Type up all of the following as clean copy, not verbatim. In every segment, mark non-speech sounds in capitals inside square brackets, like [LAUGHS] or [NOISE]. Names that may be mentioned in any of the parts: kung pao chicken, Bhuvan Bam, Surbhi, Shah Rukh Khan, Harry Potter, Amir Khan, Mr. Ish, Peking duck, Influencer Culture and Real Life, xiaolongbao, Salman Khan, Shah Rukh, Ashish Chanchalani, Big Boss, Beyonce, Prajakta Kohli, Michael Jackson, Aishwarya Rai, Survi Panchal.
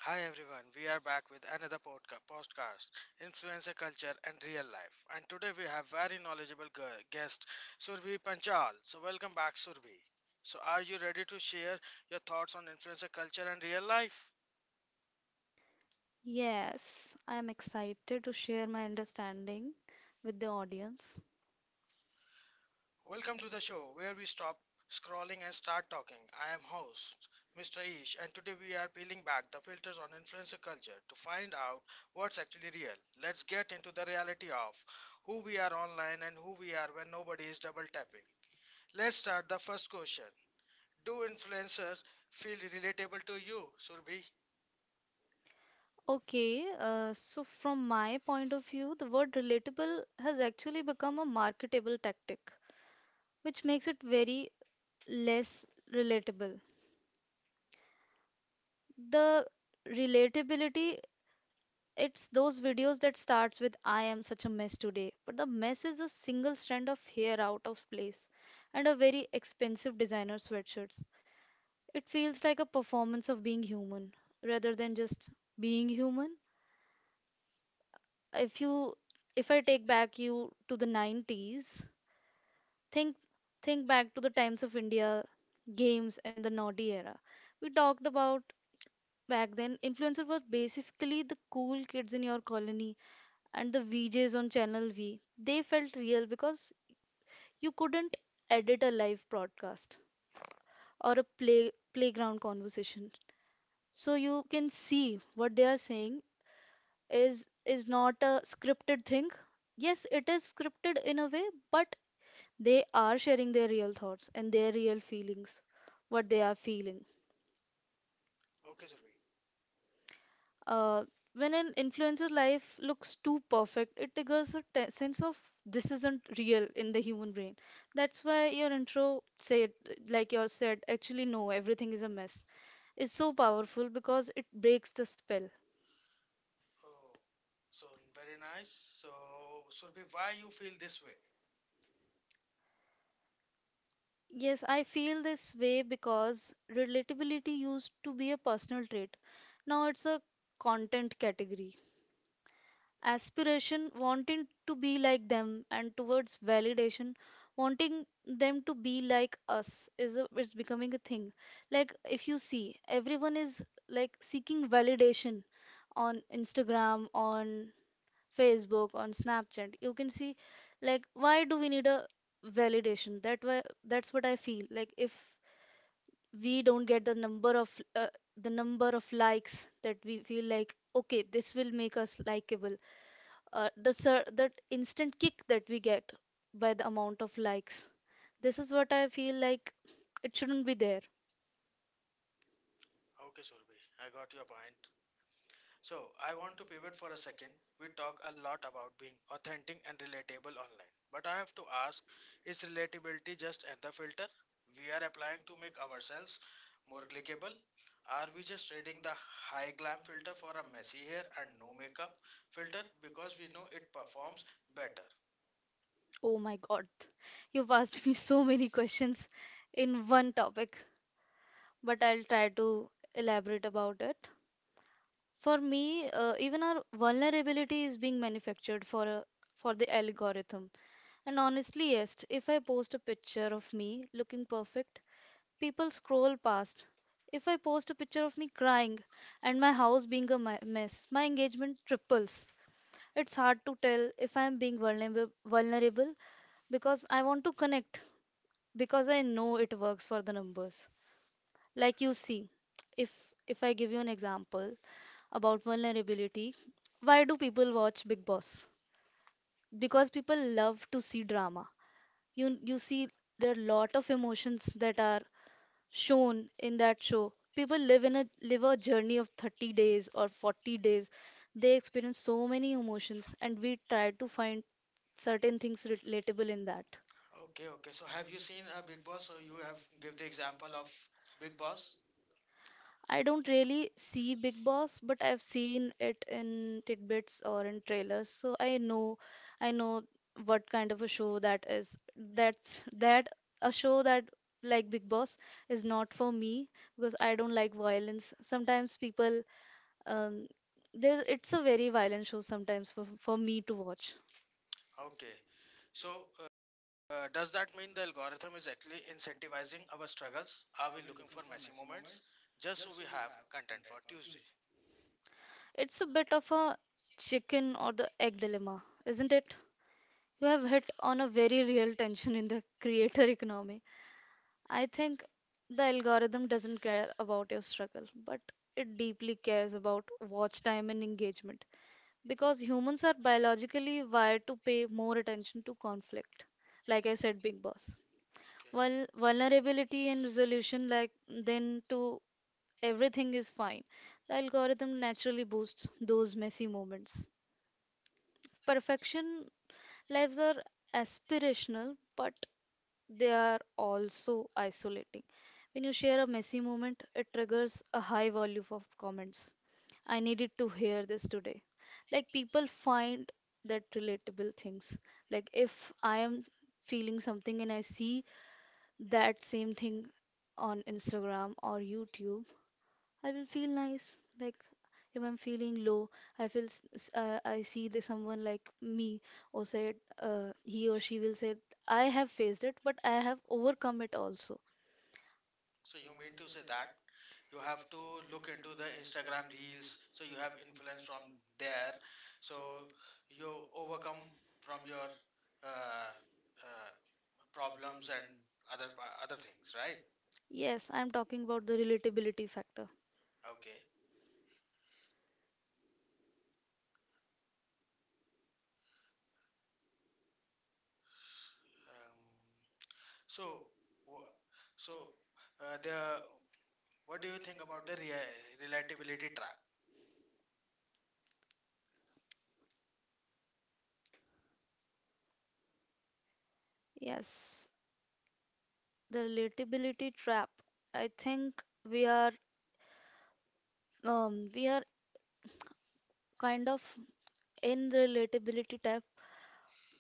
Hi everyone, we are back with another podcast, Influencer Culture and Real Life. And today we have very knowledgeable guest, Survi Panchal. So welcome back, Survi. So are you ready to share your thoughts on influencer culture and real life? Yes, I'm excited to share my understanding with the audience. Welcome to the show where we stop scrolling and start talking. I am host, Mr. Ish, and today we are peeling back the filters on influencer culture to find out what's actually real. Let's get into the reality of who we are online and who we are when nobody is double tapping. Let's start the first question. Do influencers feel relatable to you, Surbhi? Okay, so from my point of view, the word relatable has actually become a marketable tactic, which makes it very less relatable. The relatability, it's those videos that starts with I am such a mess today, but the mess is a single strand of hair out of place and a very expensive designer sweatshirt. It feels like a performance of being human rather than just being human. If you if I take back you to the 90s. Think think back to the times of India games and the naughty era. We talked about back then influencer was basically the cool kids in your colony and the VJs on channel V. They felt real because you couldn't edit a live broadcast or a playground conversation, so you can see what they are saying is not a scripted thing. Yes, it is scripted in a way, but they are sharing their real thoughts and their real feelings, what they are feeling Okay, Surbhi. uh, when an influencer's life looks too perfect, it triggers a sense of this isn't real in the human brain. That's why your intro said, like you said, actually no, everything is a mess, is so powerful because it breaks the spell. Oh, so very nice. So, Surbhi, why you feel this way? Yes, I feel this way because relatability used to be a personal trait. Now it's a content category. Aspiration, wanting to be like them, and towards validation, wanting them to be like us is a, it's becoming a thing. Like if you see, everyone is like seeking validation on Instagram, on Facebook, on Snapchat. You can see, like, why do we need a validation? That why, that's what I feel. Like if we don't get the number of uh, the number of likes, that we feel like okay, this will make us likable, the sir, that instant kick that we get by the amount of likes, this is what I feel like, it shouldn't be there. Okay, Surbhi, I got your point. So, I want to pivot for a second. We talk a lot about being authentic and relatable online, but I have to ask, is relatability just another filter we are applying to make ourselves more clickable? Are we just trading the high glam filter for a messy hair and no makeup filter because we know it performs better? Oh my god, you've asked me so many questions in one topic, but I'll try to elaborate about it. For me, even our vulnerability is being manufactured for a for the algorithm. And honestly, yes, if I post a picture of me looking perfect, people scroll past. If I post a picture of me crying and my house being a mess, my engagement triples. It's hard to tell if I am being vulnerable because I want to connect, because I know it works for the numbers. Like you see, if if I give you an example about vulnerability, why do people watch big boss? Because people love to see drama. You see, there are lot of emotions that are shown in that show. People live in a live a journey of 30 days or 40 days. They experience so many emotions, and we try to find certain things relatable in that. Okay, okay. So have you seen a Big Boss? So you have give the example of Big Boss. I don't really see Big Boss, but I've seen it in tidbits or in trailers, so I know what kind of a show that is. That's that a show that, like Big Boss, is not for me because I don't like violence. Sometimes people um there, it's a very violent show sometimes for me to watch. Okay. So, does that mean the algorithm is actually incentivizing our struggles? Are we looking for messy moments just so we have content for Tuesday? It's a bit of a chicken or the egg dilemma, isn't it? You have hit on a very real tension in the creator [LAUGHS] economy. I think the algorithm doesn't care about your struggle, but it deeply cares about watch time and engagement because humans are biologically wired to pay more attention to conflict, like I said, Big Boss. While Okay. vulnerability and resolution, like then to everything is fine, the algorithm naturally boosts those messy moments. Perfection lives are aspirational, but they are also isolating. When you share a messy moment, it triggers a high volume of comments. I needed to hear this today. Like, people find that relatable things. Like, if I am feeling something and I see that same thing on Instagram or YouTube, I will feel nice. Like if I'm feeling low, I feel I see the someone like me, or said, he or she will say, I have faced it, but I have overcome it also. So you mean to say that you have to look into the Instagram reels, so you have influence from there, so you overcome from your uh, uh, problems and other other things, right? Yes, I'm talking about the relatability factor. Okay. Um, so, wha- so the what do you think about the rea relatability trap? Yes, the relatability trap. I think we are we are kind of in the relatability type.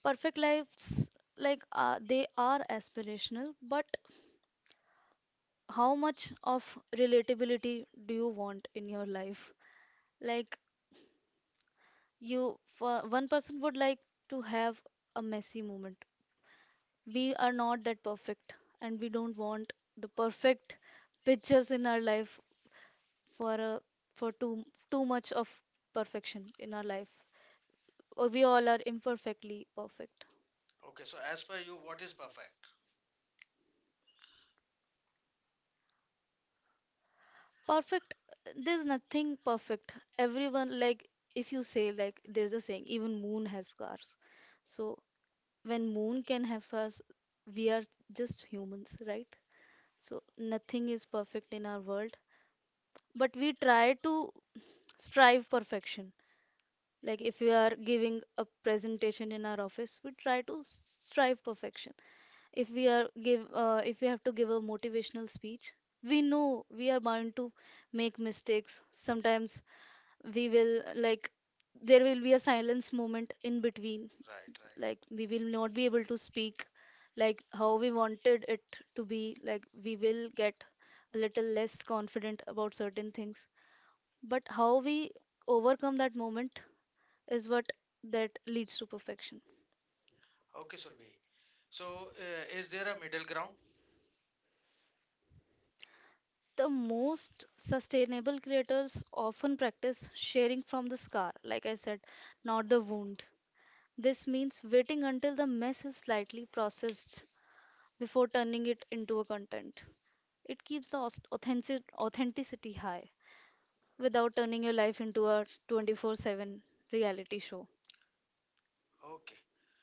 Perfect lives, they are aspirational, but how much of relatability do you want in your life? Like you, for one person would like to have a messy moment. We are not that perfect, and we don't want the perfect pictures in our life for a for too much of perfection in our life. We all are imperfectly perfect Okay, so as per you, what is perfect? perfect There's nothing perfect. Everyone, like, if you say, like, there's a saying, even moon has scars. So when moon can have stars, we are just humans, right? So nothing is perfect in our world, but we try to strive perfection. Like if we are giving a presentation in our office, we try to strive perfection. If we are give if we have to give a motivational speech, we know we are bound to make mistakes. Sometimes we will, like, there will be a silence moment in between, Right, like right. we will not be able to speak like how we wanted it to be, like we will get a little less confident about certain things, but how we overcome that moment is what that leads to perfection. Okay, Surbhi. So, is there a middle ground? The most sustainable creators often practice sharing from the scar, like I said, not the wound. This means waiting until the mess is slightly processed before turning it into a content. It keeps the authenticity high without turning your life into a 24/7 reality show. Okay.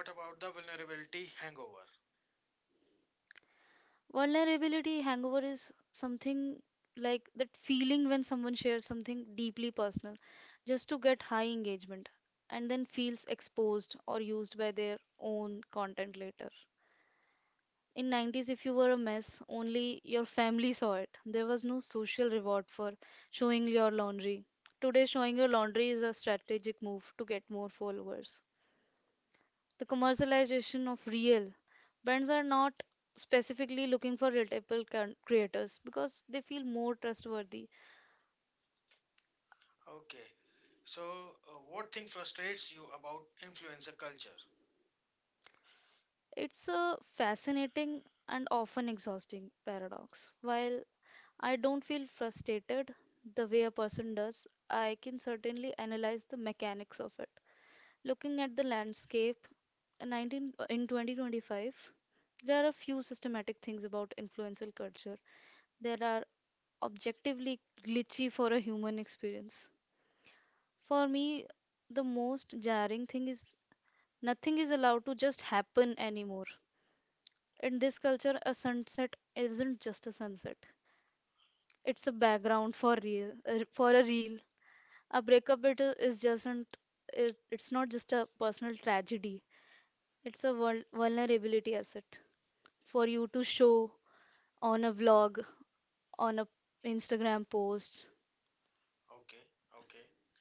So, what about the vulnerability hangover? Vulnerability hangover is something like that feeling when someone shares something deeply personal just to get high engagement and then feels exposed or used by their own content later. In 90s, if you were a mess, only your family saw it. There was no social reward for showing your laundry. Today, showing your laundry is a strategic move to get more followers. The commercialization of real, brands are not specifically looking for relatable creators because they feel more trustworthy. Okay. So, what thing frustrates you about influencer culture? It's a fascinating and often exhausting paradox. While I don't feel frustrated the way a person does, I can certainly analyze the mechanics of it. Looking at the landscape, in 2025, there are a few systematic things about influential culture. There are objectively glitchy for a human experience. For me, the most jarring thing is nothing is allowed to just happen anymore. In this culture, a sunset isn't just a sunset. It's a background for for a reel. A breakup it's not just a personal tragedy. It's a vulnerability asset for you to show on a vlog, on a Instagram post. Okay, okay.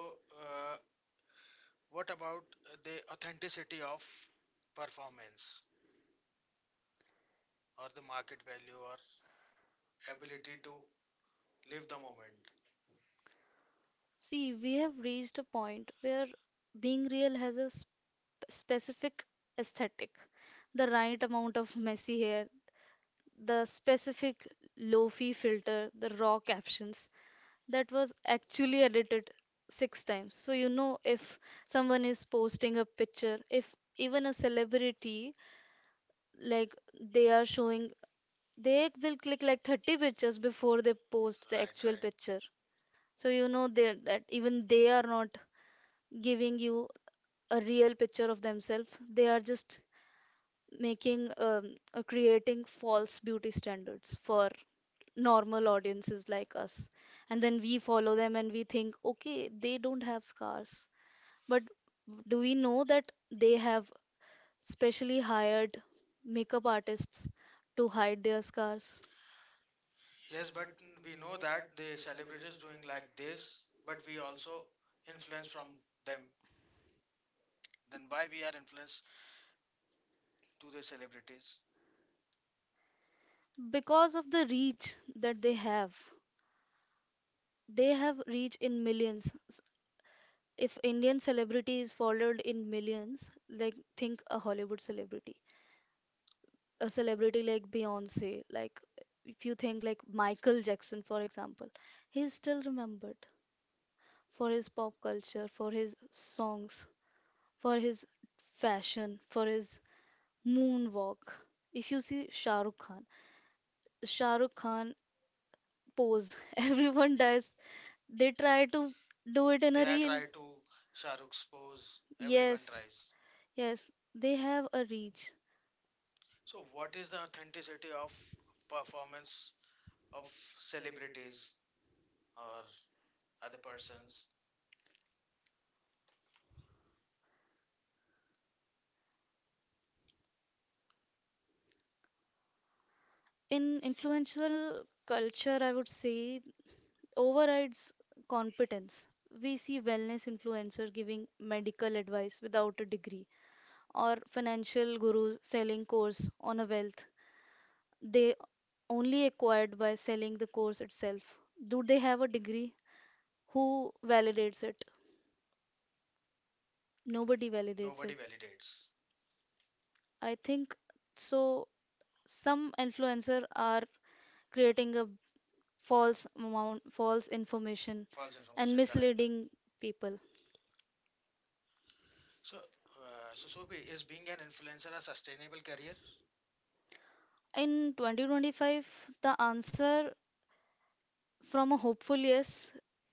So, uh, what about the authenticity of performance? Or the market value or ability to live the moment. See, we have reached a point where being real has a specific aesthetic, the right amount of messy hair, the specific lofi filter, the raw captions that was actually edited 6 times. So you know, if someone is posting a picture, if even a celebrity, like, they are showing, they will click like 30 pictures before they post the actual Right, right. picture. So you know they, that even they are not giving you a real picture of themselves. They are just making creating false beauty standards for normal audiences like us. And then we follow them and we think, okay, they don't have scars. But do we know that they have specially hired makeup artists to hide their scars? Yes, but we know that the celebrities doing like this, but we also influence from them. Then why we are influenced to the celebrities? Because of the reach that they have, they have reach in millions. If indian celebrity is followed in millions, like think a hollywood celebrity, a celebrity like beyonce. Like if you think like michael jackson for example, he is still remembered for his pop culture, for his songs, for his fashion, for his moonwalk. If you see shahrukh khan pose, [LAUGHS] everyone does. They try to do it in a They reel. are try to Shah Rukh's pose. Yes, Everyone tries. yes, they have a reach. So what is the authenticity of performance of celebrities or other persons? In influential culture, I would say overrides competence. We see wellness influencers giving medical advice without a degree, or financial gurus selling course on a wealth they only acquired by selling the course itself. Do they have a degree? Who validates it? Nobody validates it. Nobody validates. I think so. Some influencers are creating a false amount, false information, False and information, correct. misleading people. So, So Sobhi, is being an influencer a sustainable career? In 2025, the answer from a hopeful yes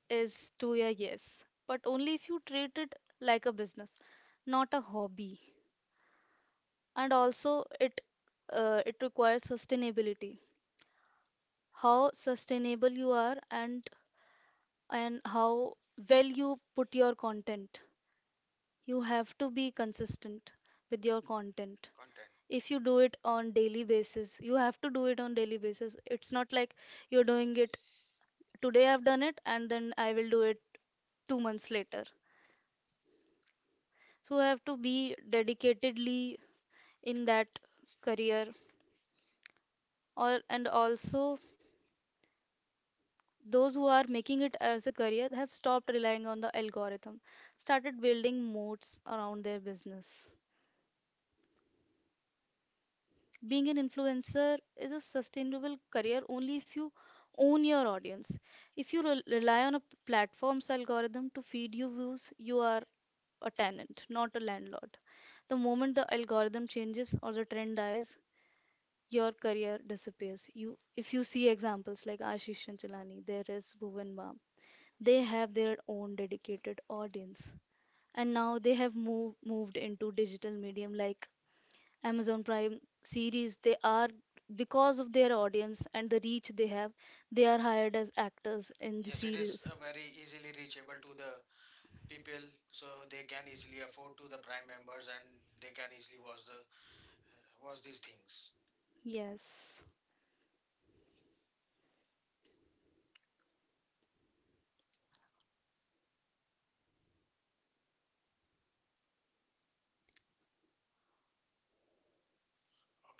is to a yes, but only if you treat it like a business, not a hobby. And also, it it requires sustainability. How sustainable you are, and how well you put your content. You have to be consistent with your content. Content. If you do it on daily basis, you have to do it on daily basis. It's not like you're doing it today I've done it and then I will do it 2 months later. So you have to be dedicatedly in that career all and also those who are making it as a career have stopped relying on the algorithm, started building moats around their business. Being an influencer is a sustainable career only if you own your audience. If you rely on a platform's algorithm to feed you views, you are a tenant, not a landlord. The moment the algorithm changes or the trend dies, your career disappears. If you see examples like Ashish Chanchalani, there is Bhuvan Bam, they have their own dedicated audience, and now they have moved into digital medium like Amazon Prime series. They are, because of their audience and the reach they have, they are hired as actors in the Yes, it series. is very easily reachable to the people, so they can easily afford to the Prime members and they can easily watch the watch these things. Yes.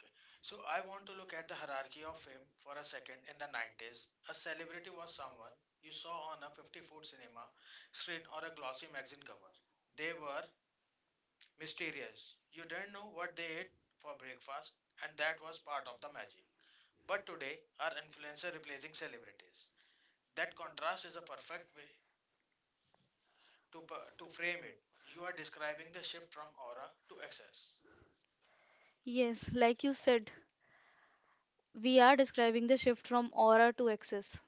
Okay, so I want to look at the hierarchy of fame for a second. In the 90s, a celebrity was someone you saw on a 50-foot cinema screen or a glossy magazine cover. They were mysterious. You didn't know what they ate for breakfast, and that was part of the magic. But today, are influencer replacing celebrities? That contrast is a perfect way to to frame it. You are describing the shift from aura to excess. Yes, like you said, we are describing the shift from aura to access.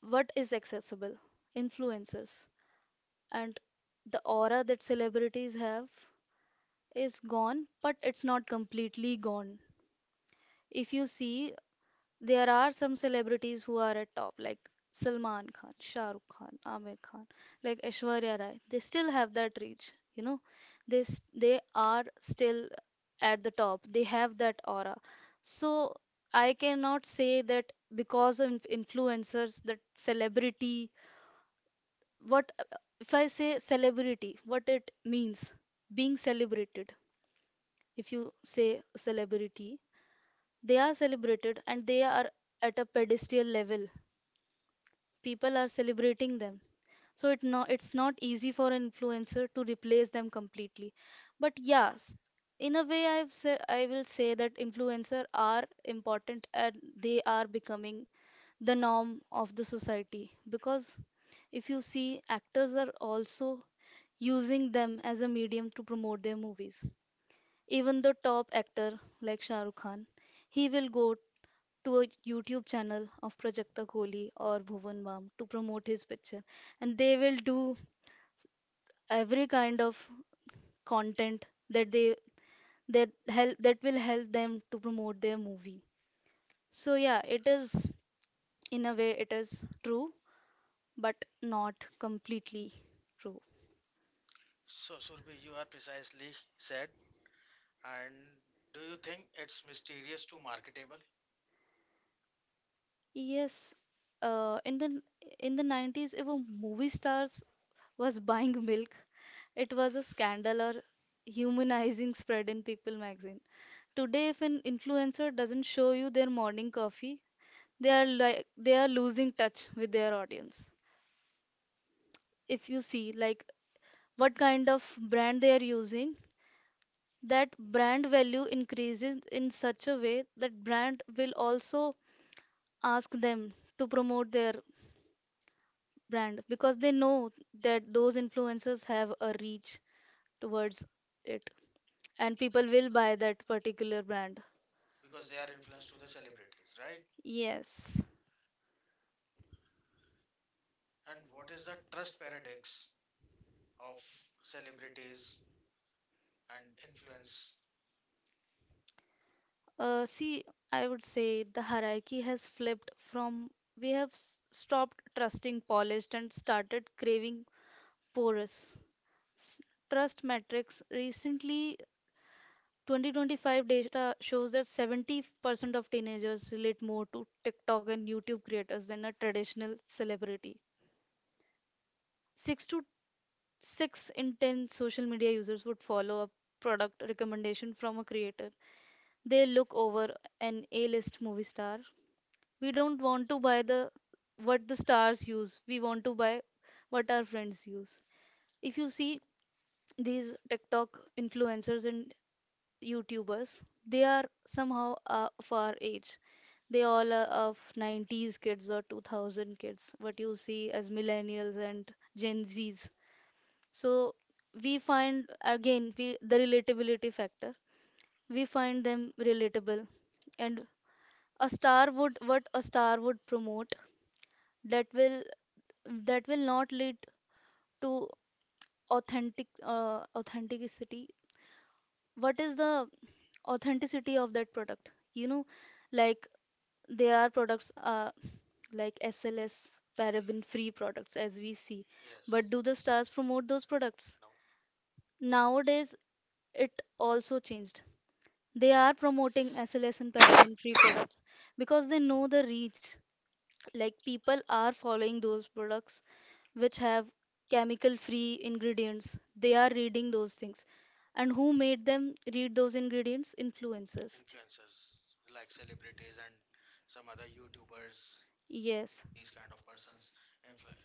What is accessible? Influencers. And the aura that celebrities have is gone, but it's not completely gone. If you see, there are some celebrities who are at top, like Salman Khan, Shah Rukh Khan, Amir Khan, like Aishwarya Rai. They still have that reach, you know. They are still at the top. They have that aura. So I cannot say that because of influencers, that celebrity. What if I say celebrity? What it means? Being celebrated. If you say celebrity, they are celebrated and they are at a pedestal level, people are celebrating them. So it no, it's not easy for an influencer to replace them completely, but yes, in a way I will say that influencer are important and they are becoming the norm of the society, because if you see actors are also using them as a medium to promote their movies. Even the top actor like Shah Rukh Khan, he will go to a YouTube channel of Prajakta Kohli or Bhuvan Bam to promote his picture, and they will do every kind of content that help that will help them to promote their movie. So yeah, it is, in a way it is true, but not completely true. So, Surbhi, you are precisely said. And do you think it's mysterious to marketable Yes, uh, in the in the 90s, if a movie stars was buying milk, it was a scandal or humanizing spread in People magazine. Today, if an influencer doesn't show you their morning coffee, they are like they are losing touch with their audience. If you see like what kind of brand they are using, that brand value increases in such a way that brand will also ask them to promote their brand, because they know that those influencers have a reach towards it and people will buy that particular brand. because they are influenced to the celebrities, right? Yes. And what is the trust paradox of celebrities and influence? See, I would say the hierarchy has flipped from, we have stopped trusting polished and started craving porous. S- Trust metrics recently 2025 data shows that 70% of teenagers relate more to TikTok and YouTube creators than a traditional celebrity. 6 to 6 in 10 social media users would follow a product recommendation from a creator. They look over an A-list movie star. We don't want to buy the what the stars use. We want to buy what our friends use. If you see these TikTok influencers and YouTubers, they are somehow of our age. They all are of 90s kids or 2000 kids, what you see as millennials and Gen Zs. So we find again we, the relatability factor. We find them relatable, and a star would, what a star would promote, that will, that will not lead to authentic authenticity. What is the authenticity of that product, you know, like there are products like sls paraben free products as we see, Yes. but do the stars promote those products? No. Nowadays it also changed, they are promoting sls and paraben free products because they know the reach, like people are following those products which have chemical free ingredients, they are reading those things, and who made them read those ingredients? Influencers. Influencers like celebrities and some other YouTubers, Yes. these kind of persons influence.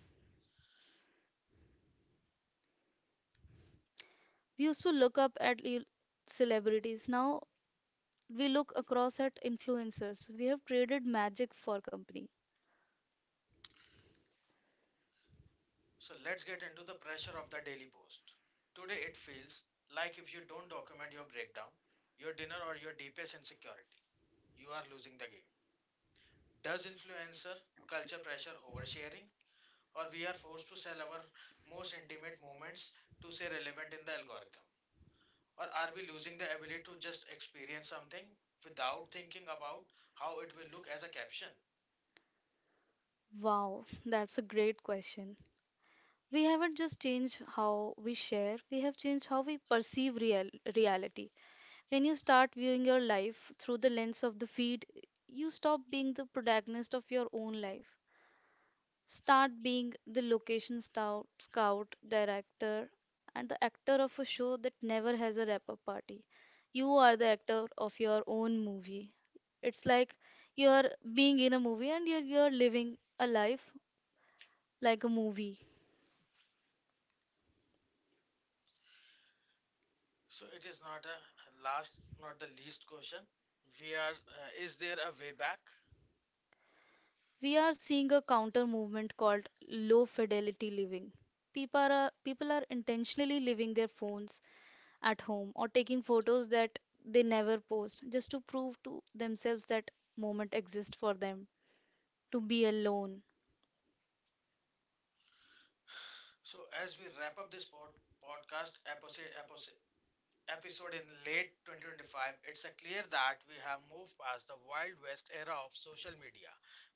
We used to look up at il- celebrities, now we look across at influencers. We have traded magic for company. So let's get into the pressure of the daily post. Today it feels like if you don't document your breakdown, your dinner or your deepest insecurity, you are losing the game. Does influencer culture pressure oversharing or we are forced to sell our most intimate moments to stay relevant in the algorithm? Or are we losing the ability to just experience something without thinking about how it will look as a caption? Wow, that's a great question. We haven't just changed how we share, we have changed how we perceive real reality. When you start viewing your life through the lens of the feed, you stop being the protagonist of your own life. Start being the location scout, director, and the actor of a show that never has a wrap up party. You are the actor of your own movie. It's like you're being in a movie and you're living a life like a movie. So it is not a last, not the least question. We are, is there a way back? We are seeing a counter movement called low fidelity living. People are intentionally leaving their phones at home or taking photos that they never post just to prove to themselves that moment exists for them to be alone. So as we wrap up this podcast episode in late 2025, it's clear that we have moved past the Wild West era of social media.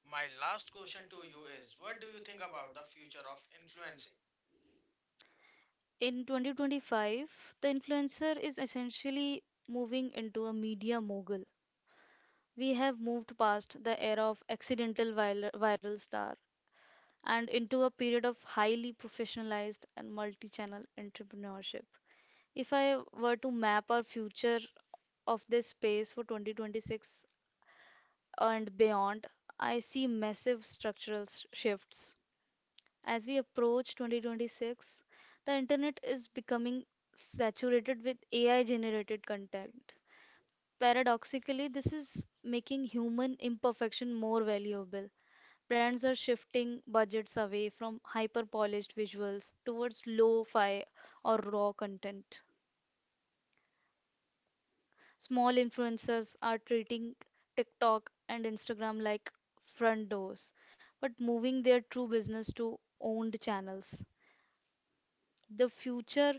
My last question to you is, what do you think about the future of influencing? In 2025, the influencer is essentially moving into a media mogul. We have moved past the era of accidental viral star and into a period of highly professionalized and multi channel entrepreneurship. If I were to map our future of this space for 2026 and beyond, I see massive structural shifts. As we approach 2026, the internet is becoming saturated with AI generated content. Paradoxically, this is making human imperfection more valuable. Brands are shifting budgets away from hyper polished visuals towards lo fi or raw content. Small influencers are treating TikTok and Instagram like front doors, but moving their true business to owned channels. The future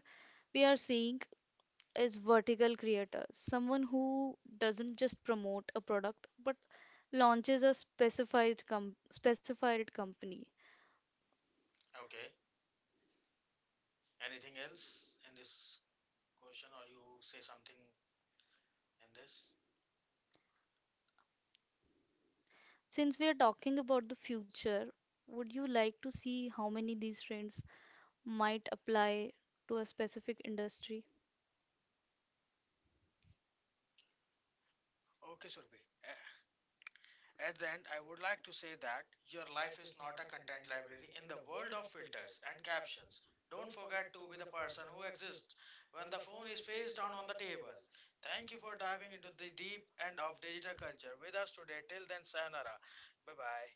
we are seeing is vertical creator, someone who doesn't just promote a product but launches a specified company. Okay, anything else in this question or you say something in this? Since we are talking about the future, would you like to see how many these trends might apply to a specific industry? Okay, Surbhi. At the end, I would like to say that your life is not a content library in the world of filters and captions. Don't forget to be the person who exists when the phone is face down on the table. Thank you for diving into the deep end of digital culture with us today. Till then, sayonara. Bye bye.